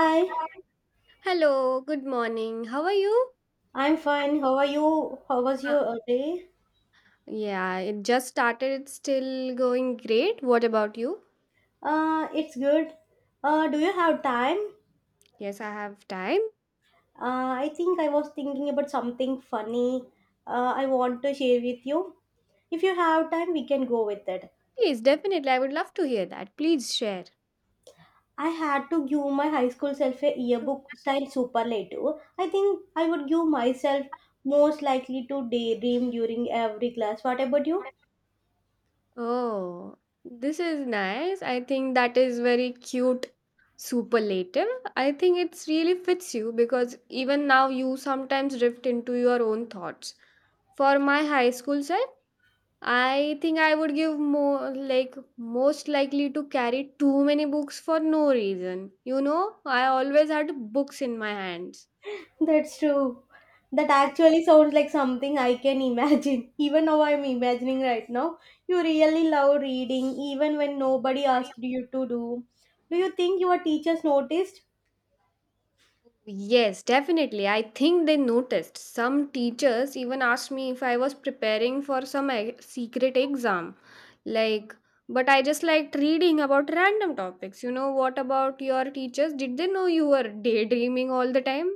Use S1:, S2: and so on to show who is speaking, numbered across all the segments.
S1: Hi,
S2: Hello, good morning. How are you?
S1: I'm fine. How are you? How was
S2: Uh,
S1: your day?
S2: yeah, it just started. It's still going great. What about you?
S1: It's good. Do you have time?
S2: Yes, I have time.
S1: I think I was thinking about something funny. I want to share with you. If you have time, we can go with it.
S2: Please, definitely. I would love to hear that. Please share.
S1: I had to give my high school self a yearbook style superlative. I think I would give myself most likely to daydream during every class. What about you?
S2: Oh, this is nice. I think that is very cute superlative. I think it's really fits you because even now you sometimes drift into your own thoughts. For my high school self, I think I would give more like most likely to carry too many books for no reason. You know, I always had books in my hands.
S1: That's true. That actually sounds like something I can imagine. Even now, I'm imagining right now. You really love reading, even when nobody asked you to do. Do you think your teachers noticed?
S2: Yes, definitely. I think they noticed. Some teachers even asked me if I was preparing for some e- secret exam. Like, but I just liked reading about random topics. You know, what about your teachers? Did they know you were daydreaming all the time?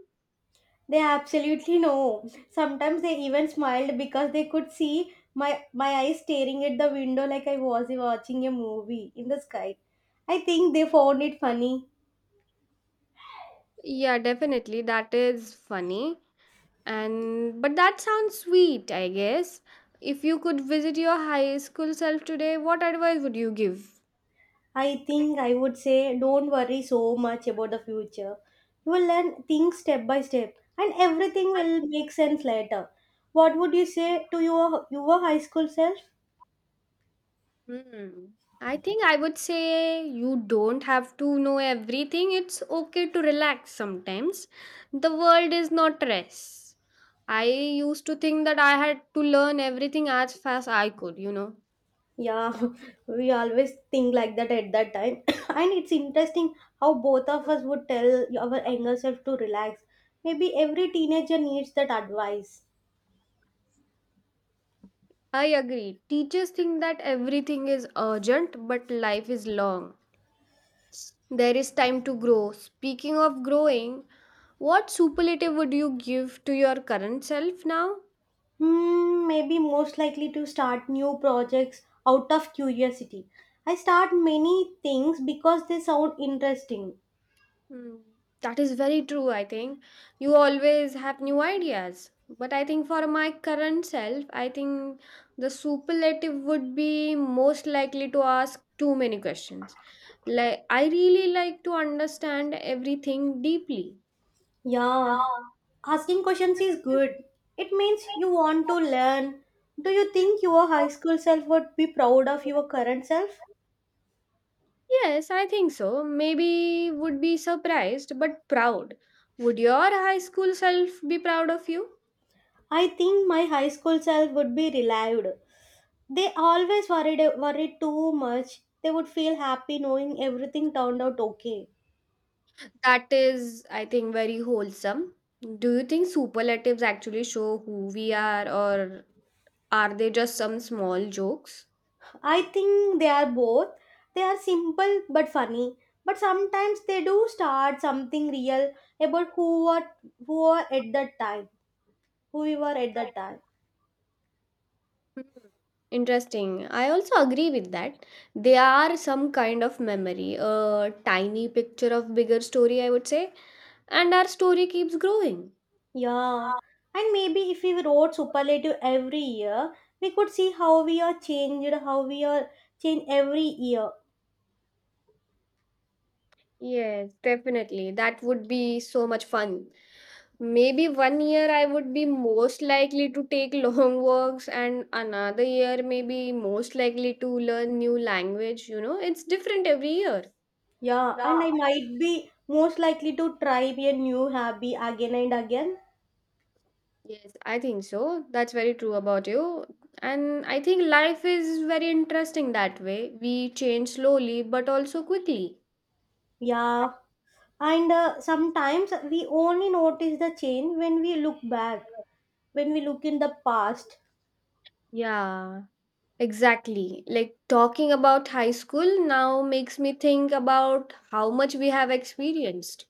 S1: They absolutely know. Sometimes they even smiled because they could see my eyes staring at the window like I was watching a movie in the sky. I think they found it funny.
S2: Yeah, definitely. That is funny. And but that sounds sweet, I guess. If you could visit your high school self today, what advice would you give?
S1: I think I would say don't worry so much about the future. You will learn things step by step and everything will make sense later. What would you say to your high school self?
S2: Hmm. I think I would say you don't have to know everything. It's okay to relax sometimes. The world is not rest. I used to think that I had to learn everything as fast I could, you know.
S1: Yeah, we always think like that at that time. And it's interesting how both of us would tell our younger self to relax. Maybe every teenager needs that advice.
S2: I agree. Teachers think that everything is urgent, but life is long. There is time to grow. Speaking of growing, what superlative would you give to your current self now?
S1: Hmm, maybe most likely to start new projects out of curiosity. I start many things because they sound interesting.
S2: Hmm, That is very true, I think. You always have new ideas. But I think for my current self, I think the superlative would be most likely to ask too many questions. Like, I really like to understand everything deeply. Yeah.
S1: Yeah, asking questions is good. It means you want to learn. Do you think your high school self would be proud of your current self?
S2: Yes, I think so. Maybe would be surprised but proud. Would your high school self be proud of you?
S1: I think my high school self would be relieved. They always worried too much. They would feel happy knowing everything turned out okay.
S2: That is, I think, very wholesome. Do you think superlatives actually show who we are, or are they just some small jokes?
S1: I think they are both. They are simple but funny. But sometimes they do start something real about who are at that time, who we were at that time.
S2: Hmm. Interesting. I also agree with that. They are some kind of memory, a tiny picture of bigger story, I would say. And our story keeps growing.
S1: Yeah, and maybe if we wrote superlative every year, we could see how we are changed, how we are changed every year.
S2: Yeah. Yes, definitely. That would be so much fun. Maybe one year I would be most likely to take long walks, and another year maybe most likely to learn new language. You know, it's different every year.
S1: Yeah, and I might be most likely to try a new hobby again and again.
S2: Yes, I think so. That's very true about you. And I think life is very interesting that way. We change slowly but also quickly.
S1: Yeah, and sometimes we only notice the change when we look back, when we look in the past.
S2: Yeah. Exactly. Like talking about high school now makes me think about how much we have experienced.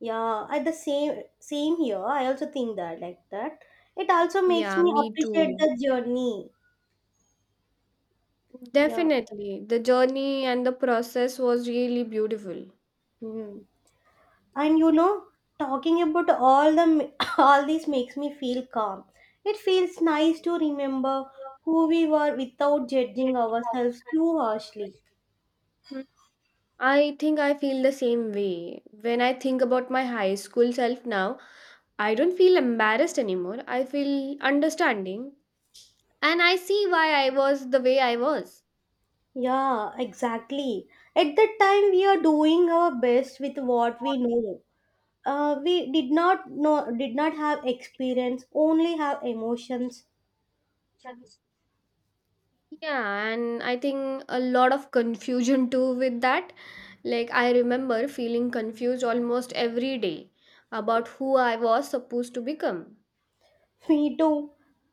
S1: Yeah, at the same here. I also think that like that. It also makes
S2: Yeah,
S1: me
S2: me
S1: appreciate
S2: too.
S1: the journey. Yeah.
S2: Definitely. The journey and the process was really beautiful.
S1: Hmm. And you know, talking about all the all this makes me feel calm. It feels nice to remember who we were without judging ourselves too harshly.
S2: Hmm. I think I feel the same way. When I think about my high school self now, I don't feel embarrassed anymore. I feel understanding and I see why I was the way I was.
S1: Yeah, exactly. At that time, we are doing our best with what we know. We did not have experience, only have emotions.
S2: Yeah, and I think a lot of confusion too with that. Like, I remember feeling confused almost every day about who I was supposed to become.
S1: Me too.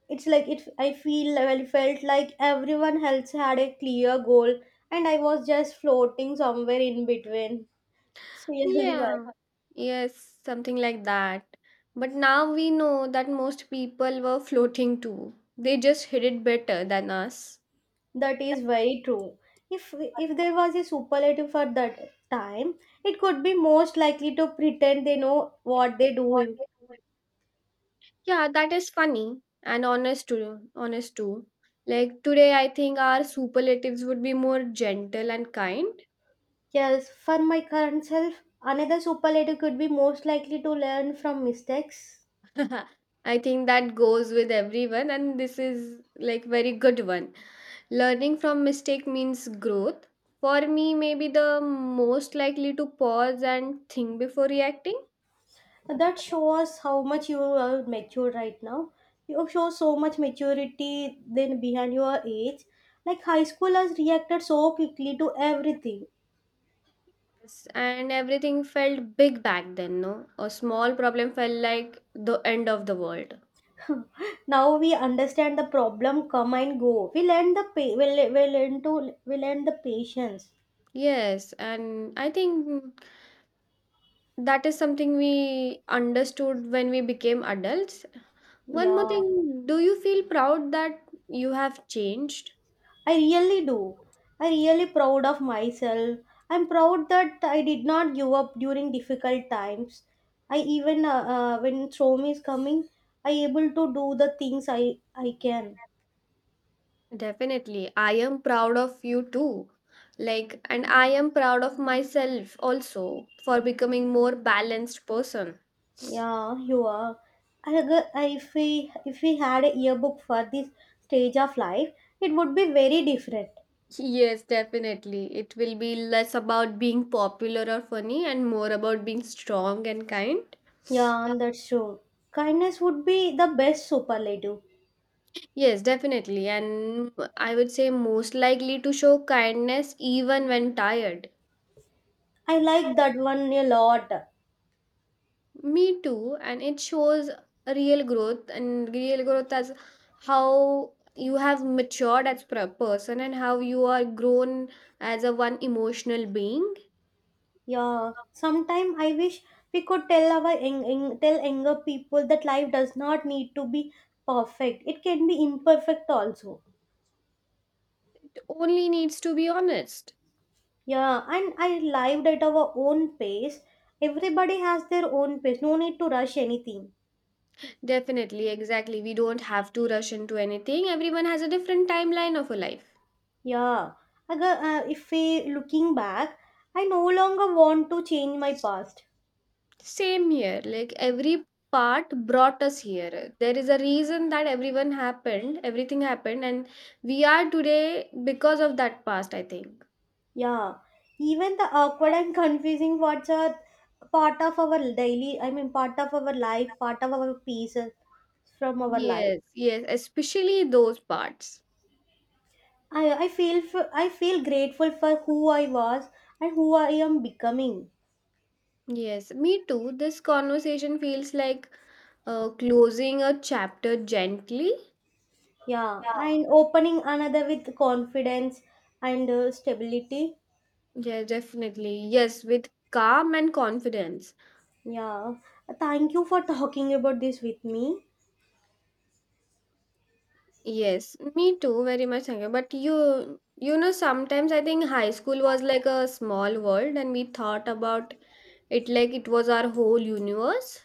S1: It's like it. I felt like everyone else had a clear goal, and I was just floating somewhere in between. It's really bad.
S2: Yeah, yes, something like that. But now we know that most people were floating too, they just hid it better than us.
S1: That is very true. If there was a superlative for that time, it could be most likely to pretend they know what they do.
S2: What they were. Yeah, that is funny and honest too. Honest too. Like today, I think our superlatives would be more gentle and kind.
S1: Yes, for my current self, another superlative could be most likely to learn from mistakes.
S2: I think that goes with everyone, and this is like very good one. Learning from mistake means growth. For me, maybe the most likely to pause and think before reacting.
S1: That shows how much you are mature right now. You show so much maturity than behind your age. Like high schoolers reacted so quickly to everything.
S2: Yes, and everything felt big back then, no? A small problem felt like the end of the world.
S1: Now we understand the problem, come and go. We learn the pa- we, le- we learn to We learn the patience.
S2: Yes, and I think that is something we understood when we became adults. One more
S1: Yeah.
S2: thing, do you feel proud that you have changed?
S1: I really do. I really proud of myself. I'm proud that I did not give up during difficult times. I even when storm is coming, I able to do the things I can.
S2: Definitely. I am proud of you too. Like, and I am proud of myself also for becoming more balanced person.
S1: Yeah, you are. If we had a yearbook for this stage of life, it would be very different.
S2: Yes, definitely. It will be less about being popular or funny and more about being strong and kind. Yeah.
S1: Yeah, that's true. Kindness would be the best superlative.
S2: Yes, definitely. And I would say most likely to show kindness even when tired.
S1: I like that one a lot.
S2: Me too, and it shows a real growth and real growth as how you have matured as a person and how you are grown as a one emotional being.
S1: Yeah, sometime I wish we could tell our tell younger people that life does not need to be perfect. It can be imperfect also.
S2: It only needs to be honest.
S1: Yeah, and I lived at our own pace. Everybody has their own pace. No need to rush anything.
S2: Definitely, exactly. We don't have to rush into anything. Everyone has a different timeline of a life.
S1: Yeah. If we looking back, I no longer want to change my past.
S2: Same here. Like every part brought us here. There is a reason that everyone happened, everything happened, and we are today because of that past, I think.
S1: Yeah, even the awkward and confusing parts are part of our daily, I mean, part of our life, part of our pieces from our life.
S2: Yes, yes, especially those parts.
S1: I feel grateful for who I was and who I am becoming.
S2: Yes, me too. This conversation feels like closing a chapter gently.
S1: Yeah,
S2: Yeah.
S1: and opening another with confidence and stability.
S2: Yeah, definitely. Yes, with calm and confidence.
S1: Yeah, thank you for talking about this with me.
S2: Yes, me too, very much. Sanjay. But you know, sometimes I think high school was like a small world, and we thought about it like it was our whole universe.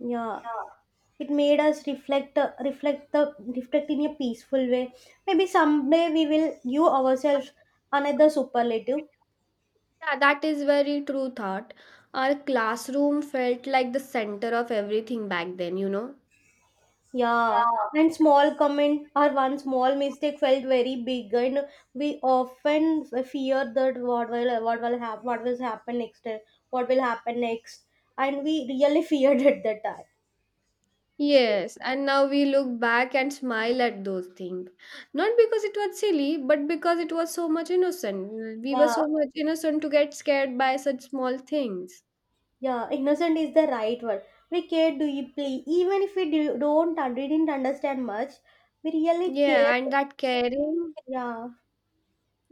S1: Yeah,
S2: Yeah.
S1: it made us reflect in a peaceful way. Maybe someday we will give ourselves another superlative.
S2: Yeah, that is very true thought. Our classroom felt like the center of everything back then, you know.
S1: Yeah,
S2: Yeah.
S1: and small comment or one small mistake felt very big, and we often fear that what will happen, what will happen next, and we really feared at that time. Scary.
S2: Yes, and now we look back and smile at those things. Not because it was silly, but because it was so much innocent. We were
S1: Yeah,
S2: so much innocent to get scared by such small things.
S1: Yeah, innocent is the right word. We care deeply, even if we don't un- didn't understand much. We really cared.
S2: Yeah, and that caring,
S1: Yeah,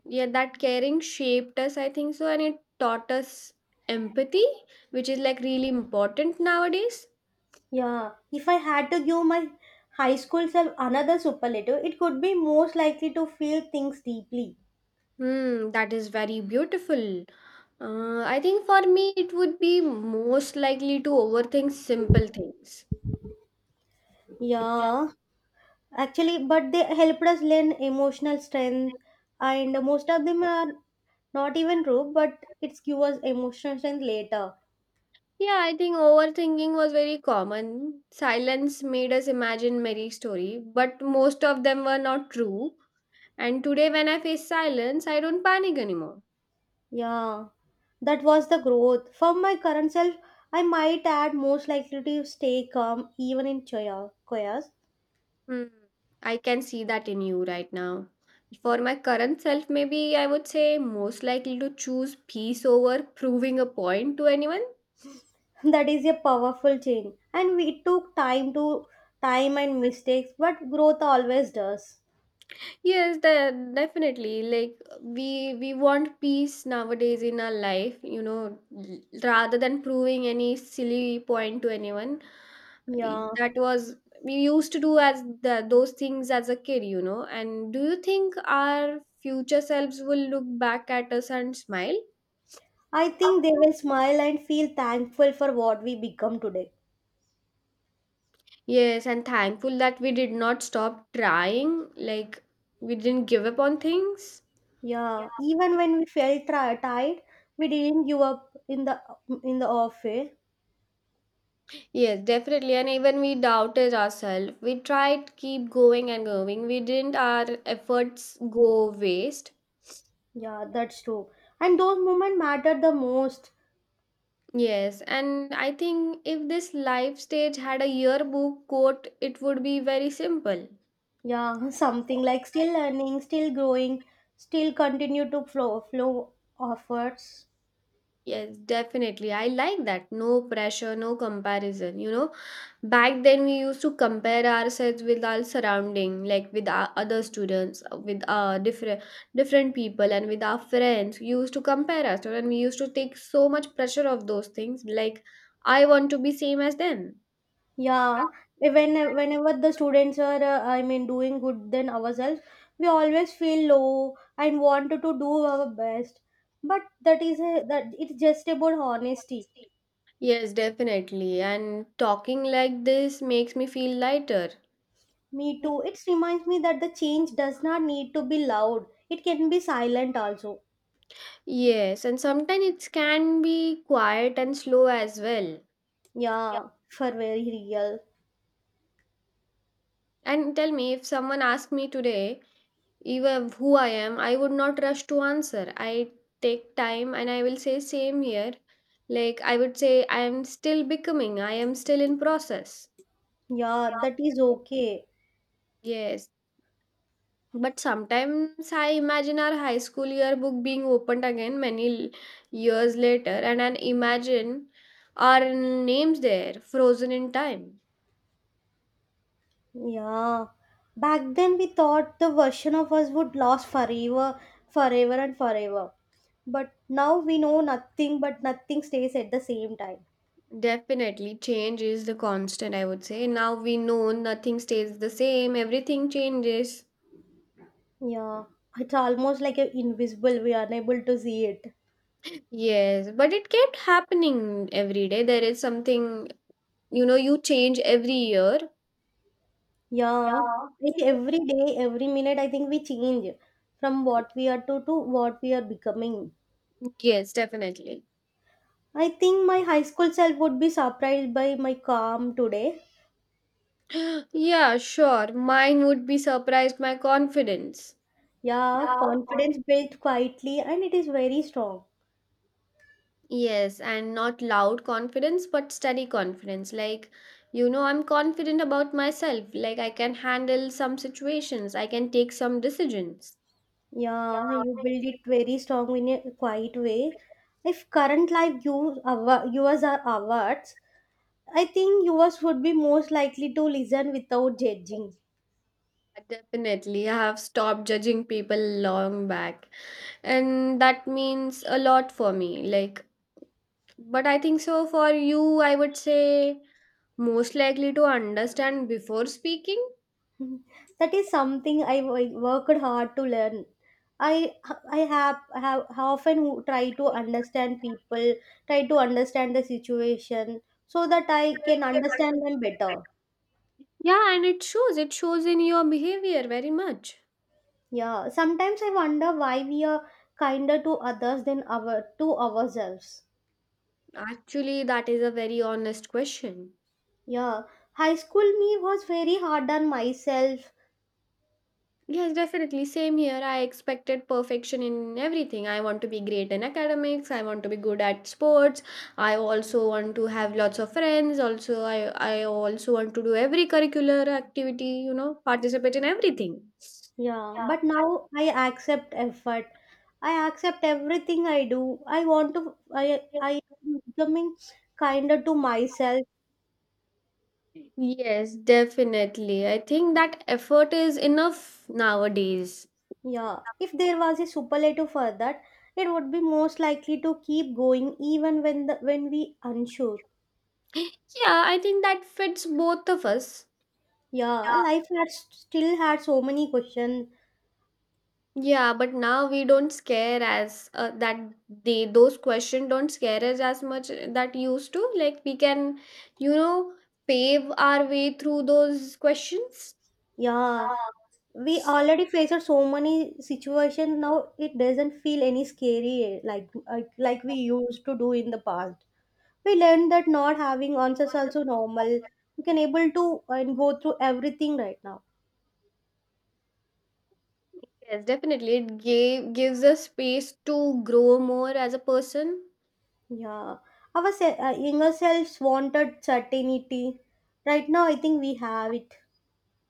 S2: yeah, that caring shaped us, I think so, and it taught us empathy, which is like really important nowadays.
S1: yeah. If I had to give my high school self another superlative, it could be most likely to feel things deeply.
S2: Hmm, that is very beautiful. I think for me, it would be most likely to overthink simple things. Yeah.
S1: Yeah, actually, but they helped us learn emotional strength, and most of them are not even true, but it's give us emotional strength later.
S2: Yeah, I think overthinking was very common. Silence made us imagine many story, but most of them were not true. And today, when I face silence, I don't panic anymore.
S1: Yeah, that was the growth. For my current self, I might add most likely to stay calm even in chaos.
S2: Hmm, I can see that in you right now. For my current self, maybe I would say most likely to choose peace over proving a point to anyone.
S1: That is a powerful change. And we took time and mistakes, but growth always does.
S2: Yes, de- definitely. Like we want peace nowadays in our life, you know, l- rather than proving any silly point to anyone. I-
S1: Yeah,
S2: That was we used to do as the, those things as a kid, you know. And do you think our future selves will look back at us and smile?
S1: I
S2: I
S1: think they
S2: think
S1: will smile and feel thankful for what we become today.
S2: yes, and thankful that we did not stop trying, like we didn't give up on things. Yeah.
S1: Yeah, even when we felt tired, we didn't give up in the off way.
S2: Yes, definitely. And even we doubted ourselves. We tried to keep going and going. We didn't our efforts go waste.
S1: Yeah, that's true. And those moments mattered the most.
S2: Yes, and I think if this life stage had a yearbook quote, it would be very simple.
S1: Yeah, something like still learning, still growing, still continue to flow offers.
S2: Yes, definitely. I like that. No pressure, no comparison. You know, back then we used to compare ourselves with our surrounding, like with our other students, with our different different people, and with our friends. We used to compare ourselves, and we used to take so much pressure of those things. Like, I want to be same as them.
S1: Yeah, whenever the students are, I mean, doing good than ourselves, we always feel low and want to do our best. But that is a, that it's just about honesty.
S2: Yes, definitely. And talking like this makes me feel lighter.
S1: Me too. It reminds me that the change does not need to be loud. It can be silent also.
S2: Yes, and sometimes it can be quiet and slow as well.
S1: Yeah, for very real.
S2: And tell me, if someone asked me today, even who I am, I would not rush to answer. I take time and I will say, same here. Like, I would say, I am still becoming, I am still in process.
S1: Yeah, that is okay.
S2: Yes. But sometimes I imagine our high school yearbook being opened again many l- years later, and I imagine our names there frozen in time.
S1: Yeah. Back then we thought the version of us would last forever, forever and forever. But now we know nothing stays at the same time.
S2: Definitely, change is the constant, I would say. Now we know nothing stays the same, everything changes.
S1: Yeah. It's almost like a invisible, we are unable to see it.
S2: Yes, but it kept happening every day. There is something, you know, you change every year.
S1: Yeah. Like every day, every minute I think we change from what we are to what we are becoming.
S2: Yes, definitely.
S1: I think my high school self would be surprised by my calm today.
S2: Yeah, sure. Mine would be surprised my confidence.
S1: Yeah,
S2: Yeah,
S1: confidence
S2: confidence.
S1: built quietly and it is very strong.
S2: Yes, and not loud confidence, but steady confidence. Like, you know, I'm confident about myself. Like, I can handle some situations, I can take some decisions.
S1: Yeah, you build it very strong in a quiet way. If current life yours are awards, I think yours would be most likely to listen without judging.
S2: Definitely, I have stopped judging people long back, and that means a lot for me. Like, but I think so for you, I would say most likely to understand before speaking.
S1: That is something I worked hard to learn. I have often try to understand people, try to understand the situation so that I can understand them better.
S2: Yeah, and it shows in your behavior very much.
S1: Yeah, sometimes I wonder why we are kinder to others than our to ourselves.
S2: Actually, that is a very honest question.
S1: Yeah, high school me was very hard on myself.
S2: Yes, definitely. Same here. I expected perfection in everything. I want to be great in academics. I want to be good at sports. I also want to have lots of friends. Also, I also want to do every curricular activity, you know, participate in everything.
S1: Yeah, but now I accept effort. I accept everything I do. I want to I
S2: Yeah.
S1: I am becoming kinder to myself.
S2: Yes, definitely. I think that effort is enough nowadays.
S1: Yeah, if there was a superlative for that, it would be most likely to keep going even when the when we unsure.
S2: Yeah, I think that fits both of us.
S1: Yeah, life had still had so many questions.
S2: Yeah, but now we don't scare as that they those questions don't scare us as much that used to. Like we can, you know, pave our way through those questions.
S1: Yeah, we already faced so many situations now it doesn't feel any scary like we used to do in the past. We learned that not having answers also normal. We can able to and go through everything right now.
S2: Yes, definitely. It gave, gives us space to grow more as a person.
S1: Yeah, our younger selves wanted certainty. Right now I think we have it.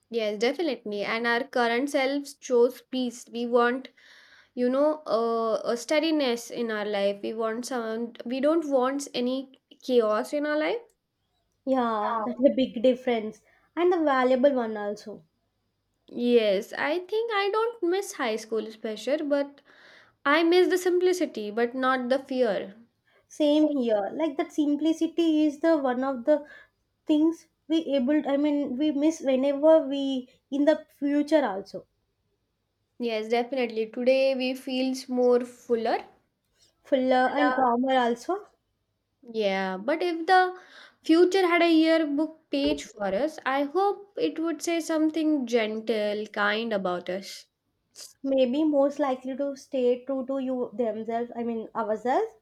S2: Yes, definitely. And our current selves chose peace. We want, you know, a steadiness in our life. We want some. We don't want any chaos in our life.
S1: Yeah, that's a big difference and a valuable one also.
S2: Yes, I think I don't miss high school's pressure, but I miss the simplicity, but not the fear.
S1: Same here, like that simplicity is the one of the things we able I mean we miss whenever we in the future also.
S2: Yes, definitely. Today we feels more fuller.
S1: Fuller and
S2: Fuller.
S1: calmer also.
S2: Yeah, but if the future had a yearbook page for us, I hope it would say something gentle, kind about us.
S1: Maybe most likely to stay true to you themselves, I mean ourselves.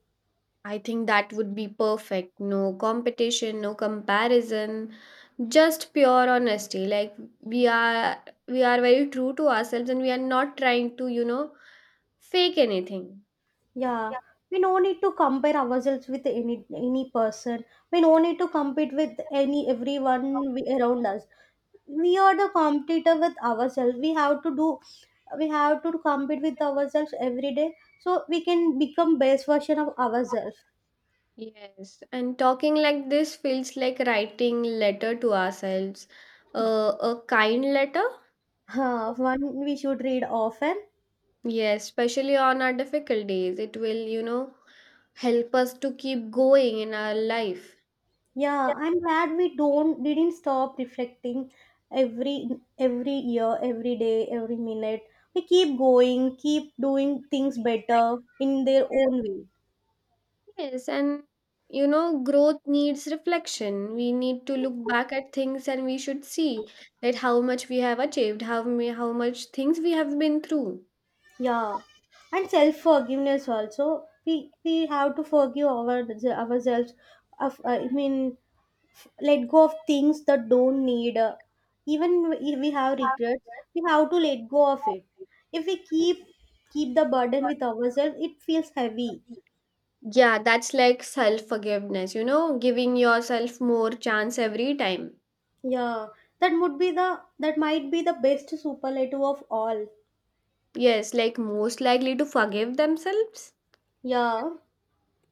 S2: I think that would be perfect. No competition, no comparison, just pure honesty. Like we are very true to ourselves, and we are not trying to, fake anything.
S1: Yeah, we no need to compare ourselves with any person. We no need to compete with any everyone we, around us. We are the competitor with ourselves. We have to compete with ourselves every day, so we can become best version of ourselves.
S2: Yes, and talking like this feels like writing letter to ourselves. A kind letter.
S1: Huh, one we should read often.
S2: Yes, especially on our difficult days. It will, help us to keep going in our life.
S1: Yeah, I'm glad we don't didn't stop reflecting every every year, every day, every minute. We keep going, keep doing things better in their own way.
S2: Yes, and growth needs reflection. We need to look back at things and we should see that how much we have achieved, how much things we have been through.
S1: Yeah. And self forgiveness also. We have to forgive our ourselves. Of, I mean, let go of things that don't need. Even if we have regrets, we have to let go of it. If we keep the burden with ourselves, it feels heavy.
S2: Yeah, that's like self-forgiveness, giving yourself more chance every time.
S1: Yeah, that might be the best superlative of all.
S2: Yes, like most likely to forgive themselves.
S1: Yeah,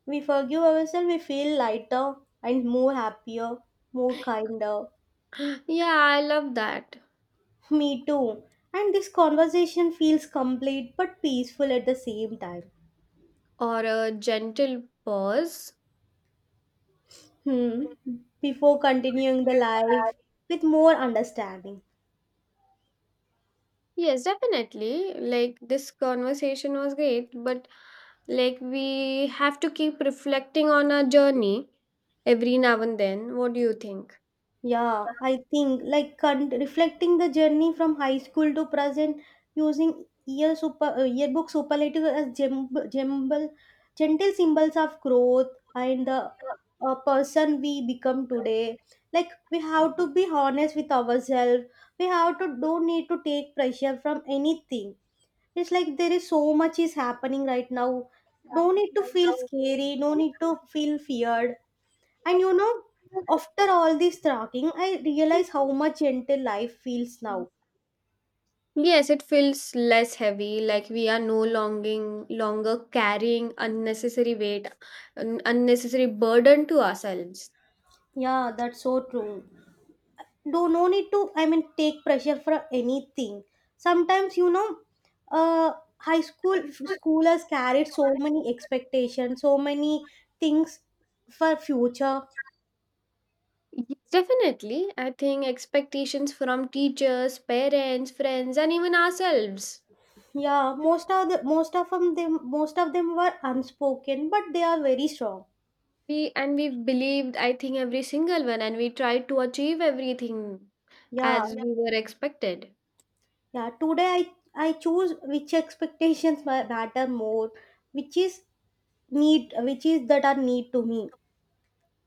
S1: we forgive ourselves, we feel lighter and more happier, more kinder.
S2: Yeah, I love that.
S1: Me too. And this conversation feels complete but peaceful at the same time.
S2: Or a gentle pause.
S1: Hmm. Before continuing the life with more understanding.
S2: Yes, definitely. Like this conversation was great, but like we have to keep reflecting on our journey every now and then. What do you think?
S1: Yeah, I think like reflecting the journey from high school to present using yearbook superlative as gentle symbols of growth and the person we become today. Like we have to be honest with ourselves. We have to don't need to take pressure from anything. It's like there is so much is happening right now. No need to feel scary. No need to feel feared and after all this talking, I realize how much gentle life feels now.
S2: Yes, it feels less heavy, like we are no longing longer carrying unnecessary weight, unnecessary burden to ourselves.
S1: Yeah, that's so true. Do no need to, I mean, take pressure for anything. Sometimes, high school schoolers carried so many expectations, so many things for future.
S2: Yes, definitely. I think expectations from teachers, parents, friends, and even ourselves.
S1: Yeah, most of them, they, most of them were unspoken, but they are very strong.
S2: We believed, I think, every single one, and we tried to achieve everything
S1: Yeah.
S2: as we were expected.
S1: Yeah, today I choose which expectations matter more, which is need, which is that are need to me.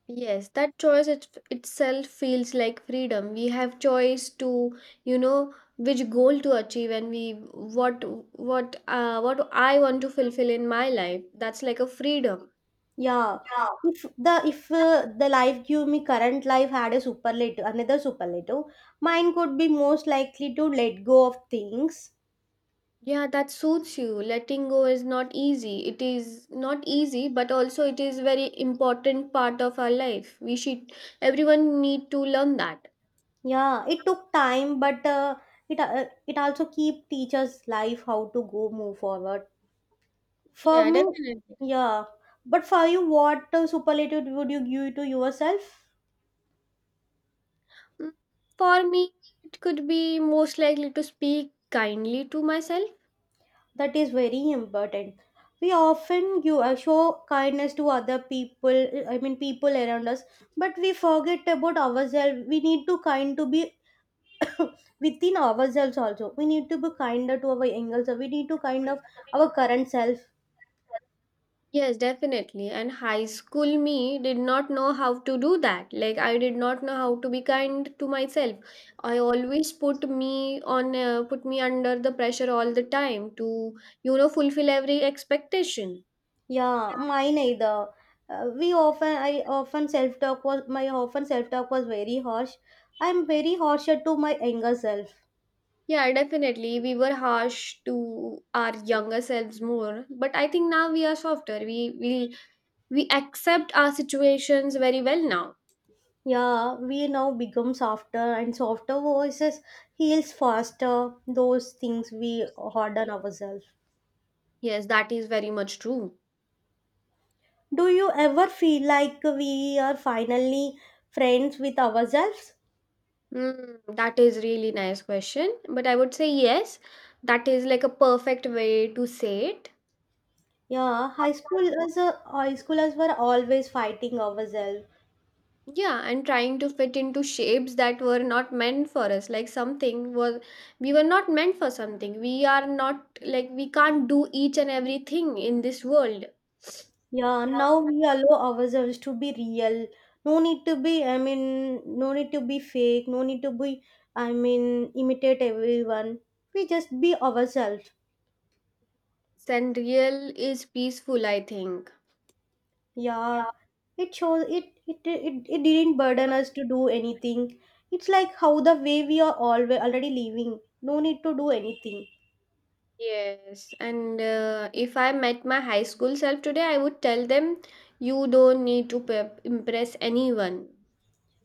S2: Yes, that itself feels like freedom. We have choice to, which goal to achieve, and we what I want to fulfill in my life. That's like a freedom.
S1: Yeah, if the life give me current life had a superlative another superlative, mine could be most likely to let go of things.
S2: Yeah, that suits you. Letting go is not easy. It is not easy, but also it is very important part of our life. We should Everyone need to learn that.
S1: Yeah, it took time, but it also keep teachers life how to go move forward. For
S2: Yeah,
S1: me,
S2: definitely.
S1: yeah, but for you, what superlative would you give to yourself?
S2: Mm, For me, it could be most likely to speak kindly to myself.
S1: That is very important. We often you show kindness to other people, I mean people around us, but we forget about ourselves. We need to kind to be within ourselves also. We need to be kinder to our younger self. We need to kind of our current self.
S2: Yes, definitely. And high school me did not know how to do that. Like, I did not know how to be kind to myself. I always put me under the pressure all the time to, fulfill every expectation.
S1: Yeah, mine either. We often I often self talk was my often self talk was very harsh. I'm very harsher to my younger self.
S2: Yeah, definitely. We were harsh to our younger selves more, but I think now we are softer. We we accept our situations very well now.
S1: Yeah, we now become softer, and softer voices heals faster those things we harden ourselves.
S2: Yes, that is very much true.
S1: Do you ever feel like we are finally friends with ourselves?
S2: That is really nice question, but I would say yes. That is like a perfect way to say it.
S1: Yeah, high schoolers were always fighting ourselves.
S2: Yeah, and trying to fit into shapes that were not meant for us. Like something was we were not meant for something. We are not like we can't do each and everything in this world.
S1: Yeah, now we allow ourselves to be real. No need to be, I mean, no need to be fake. No need to be, I mean, imitate everyone. We just be ourselves.
S2: And is peaceful, I think.
S1: Yeah, it shows it didn't burden us to do anything. It's like how the way we are always already living. No need to do anything.
S2: Yes, and if I met my high school self today, I would tell them you don't need to impress anyone.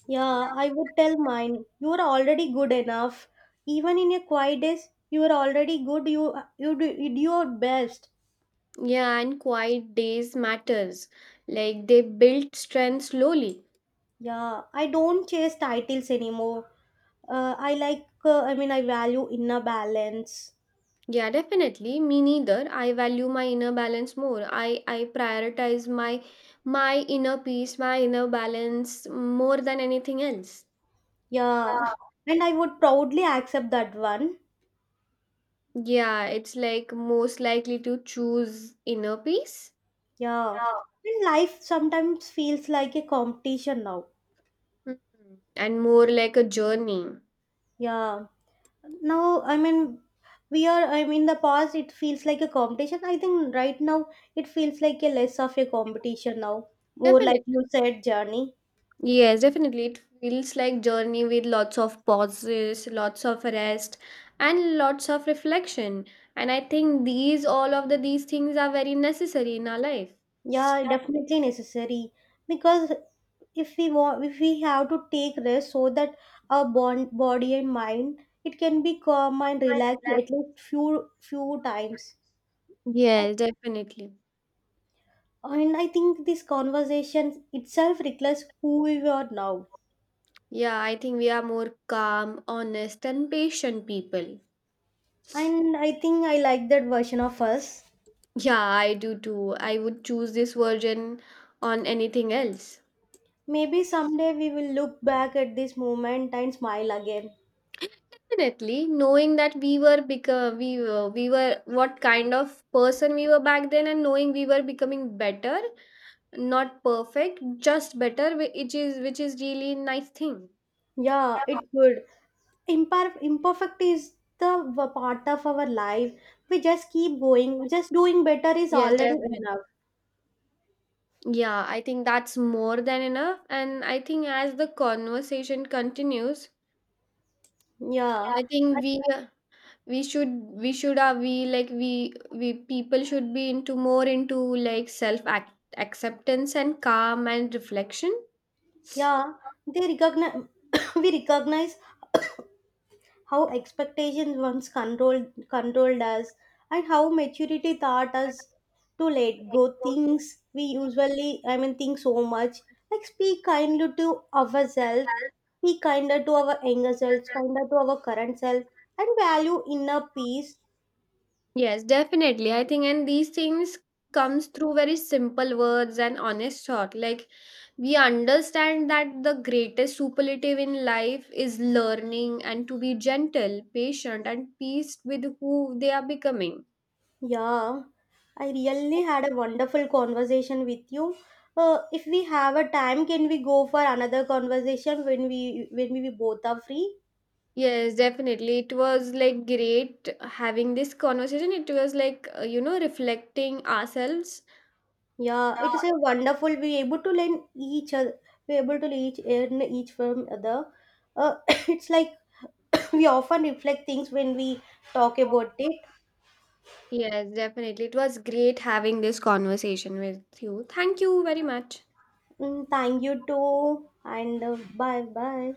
S1: Yeah, I would tell mine. You are already good enough. Even in your quiet days, you are already good. You do your best.
S2: Yeah, and quiet days matters. Like they build strength slowly.
S1: Yeah, I don't chase titles anymore. I like. I mean, I value inner balance.
S2: Yeah, definitely. Me neither. I value my inner balance more. I prioritize my inner peace, my inner balance more than anything else.
S1: Yeah, and I would proudly accept that one.
S2: Yeah, it's like most likely to choose inner peace.
S1: Yeah. And life sometimes feels like a competition now.
S2: Mhm. And more like a journey.
S1: Yeah. Now, I mean, we are, I mean, in the past it feels like a competition. I think right now it feels like a less of a competition now. More like
S2: Definitely.
S1: you said, journey.
S2: Yes, definitely. It feels like journey with lots of pauses, lots of rest, and lots of reflection. And I think these all of the these things are very necessary in our life.
S1: Yeah, definitely necessary. Because if we want, if we have to take rest so that our bond, body and mind, it can be calm and relaxed at least few times.
S2: Yes, definitely.
S1: And I think this conversation itself reflects who we are now.
S2: Yeah, I think we are more calm, honest, and patient people.
S1: And I think I like that version of us.
S2: Yeah, I do too. I would choose this version on anything else.
S1: Maybe someday we will look back at this moment and smile again.
S2: Definitely, knowing that we were what kind of person we were back then, and knowing we were becoming better. Not perfect, just better, which is really nice thing.
S1: Yeah, it would. Imperfect is the part of our life. We just keep going. Just doing better is
S2: Yes,
S1: already
S2: definitely.
S1: enough.
S2: Yeah, I think that's more than enough. And I think as the conversation continues,
S1: Yeah.
S2: I
S1: I-
S2: think we should we should are we like we people should be into more into like acceptance and calm and reflection.
S1: Yeah. They recognize we recognize how expectations once controlled us and how maturity taught us to let go things we usually I mean think so much, like speak kindly to ourselves, be kinder to our younger selves, kinder to our current self, and value inner peace.
S2: Yes, definitely. I think and these things comes through very simple words and honest thought. Like we understand that the greatest superlative in life is learning and to be gentle, patient, and peace with who they are becoming.
S1: Yeah, I really had a wonderful conversation with you. If we have a time, can we go for another conversation when we both are free?
S2: Yes, definitely. It was like great having this conversation. It was like, reflecting ourselves.
S1: Yeah, it is a wonderful. We able to learn each other. We able to each learn each from other. Uh, it's like we often reflect things when we talk about it.
S2: Yes, definitely. It was great having this conversation with you. Thank you very much.
S1: Mm, thank you too, and bye bye.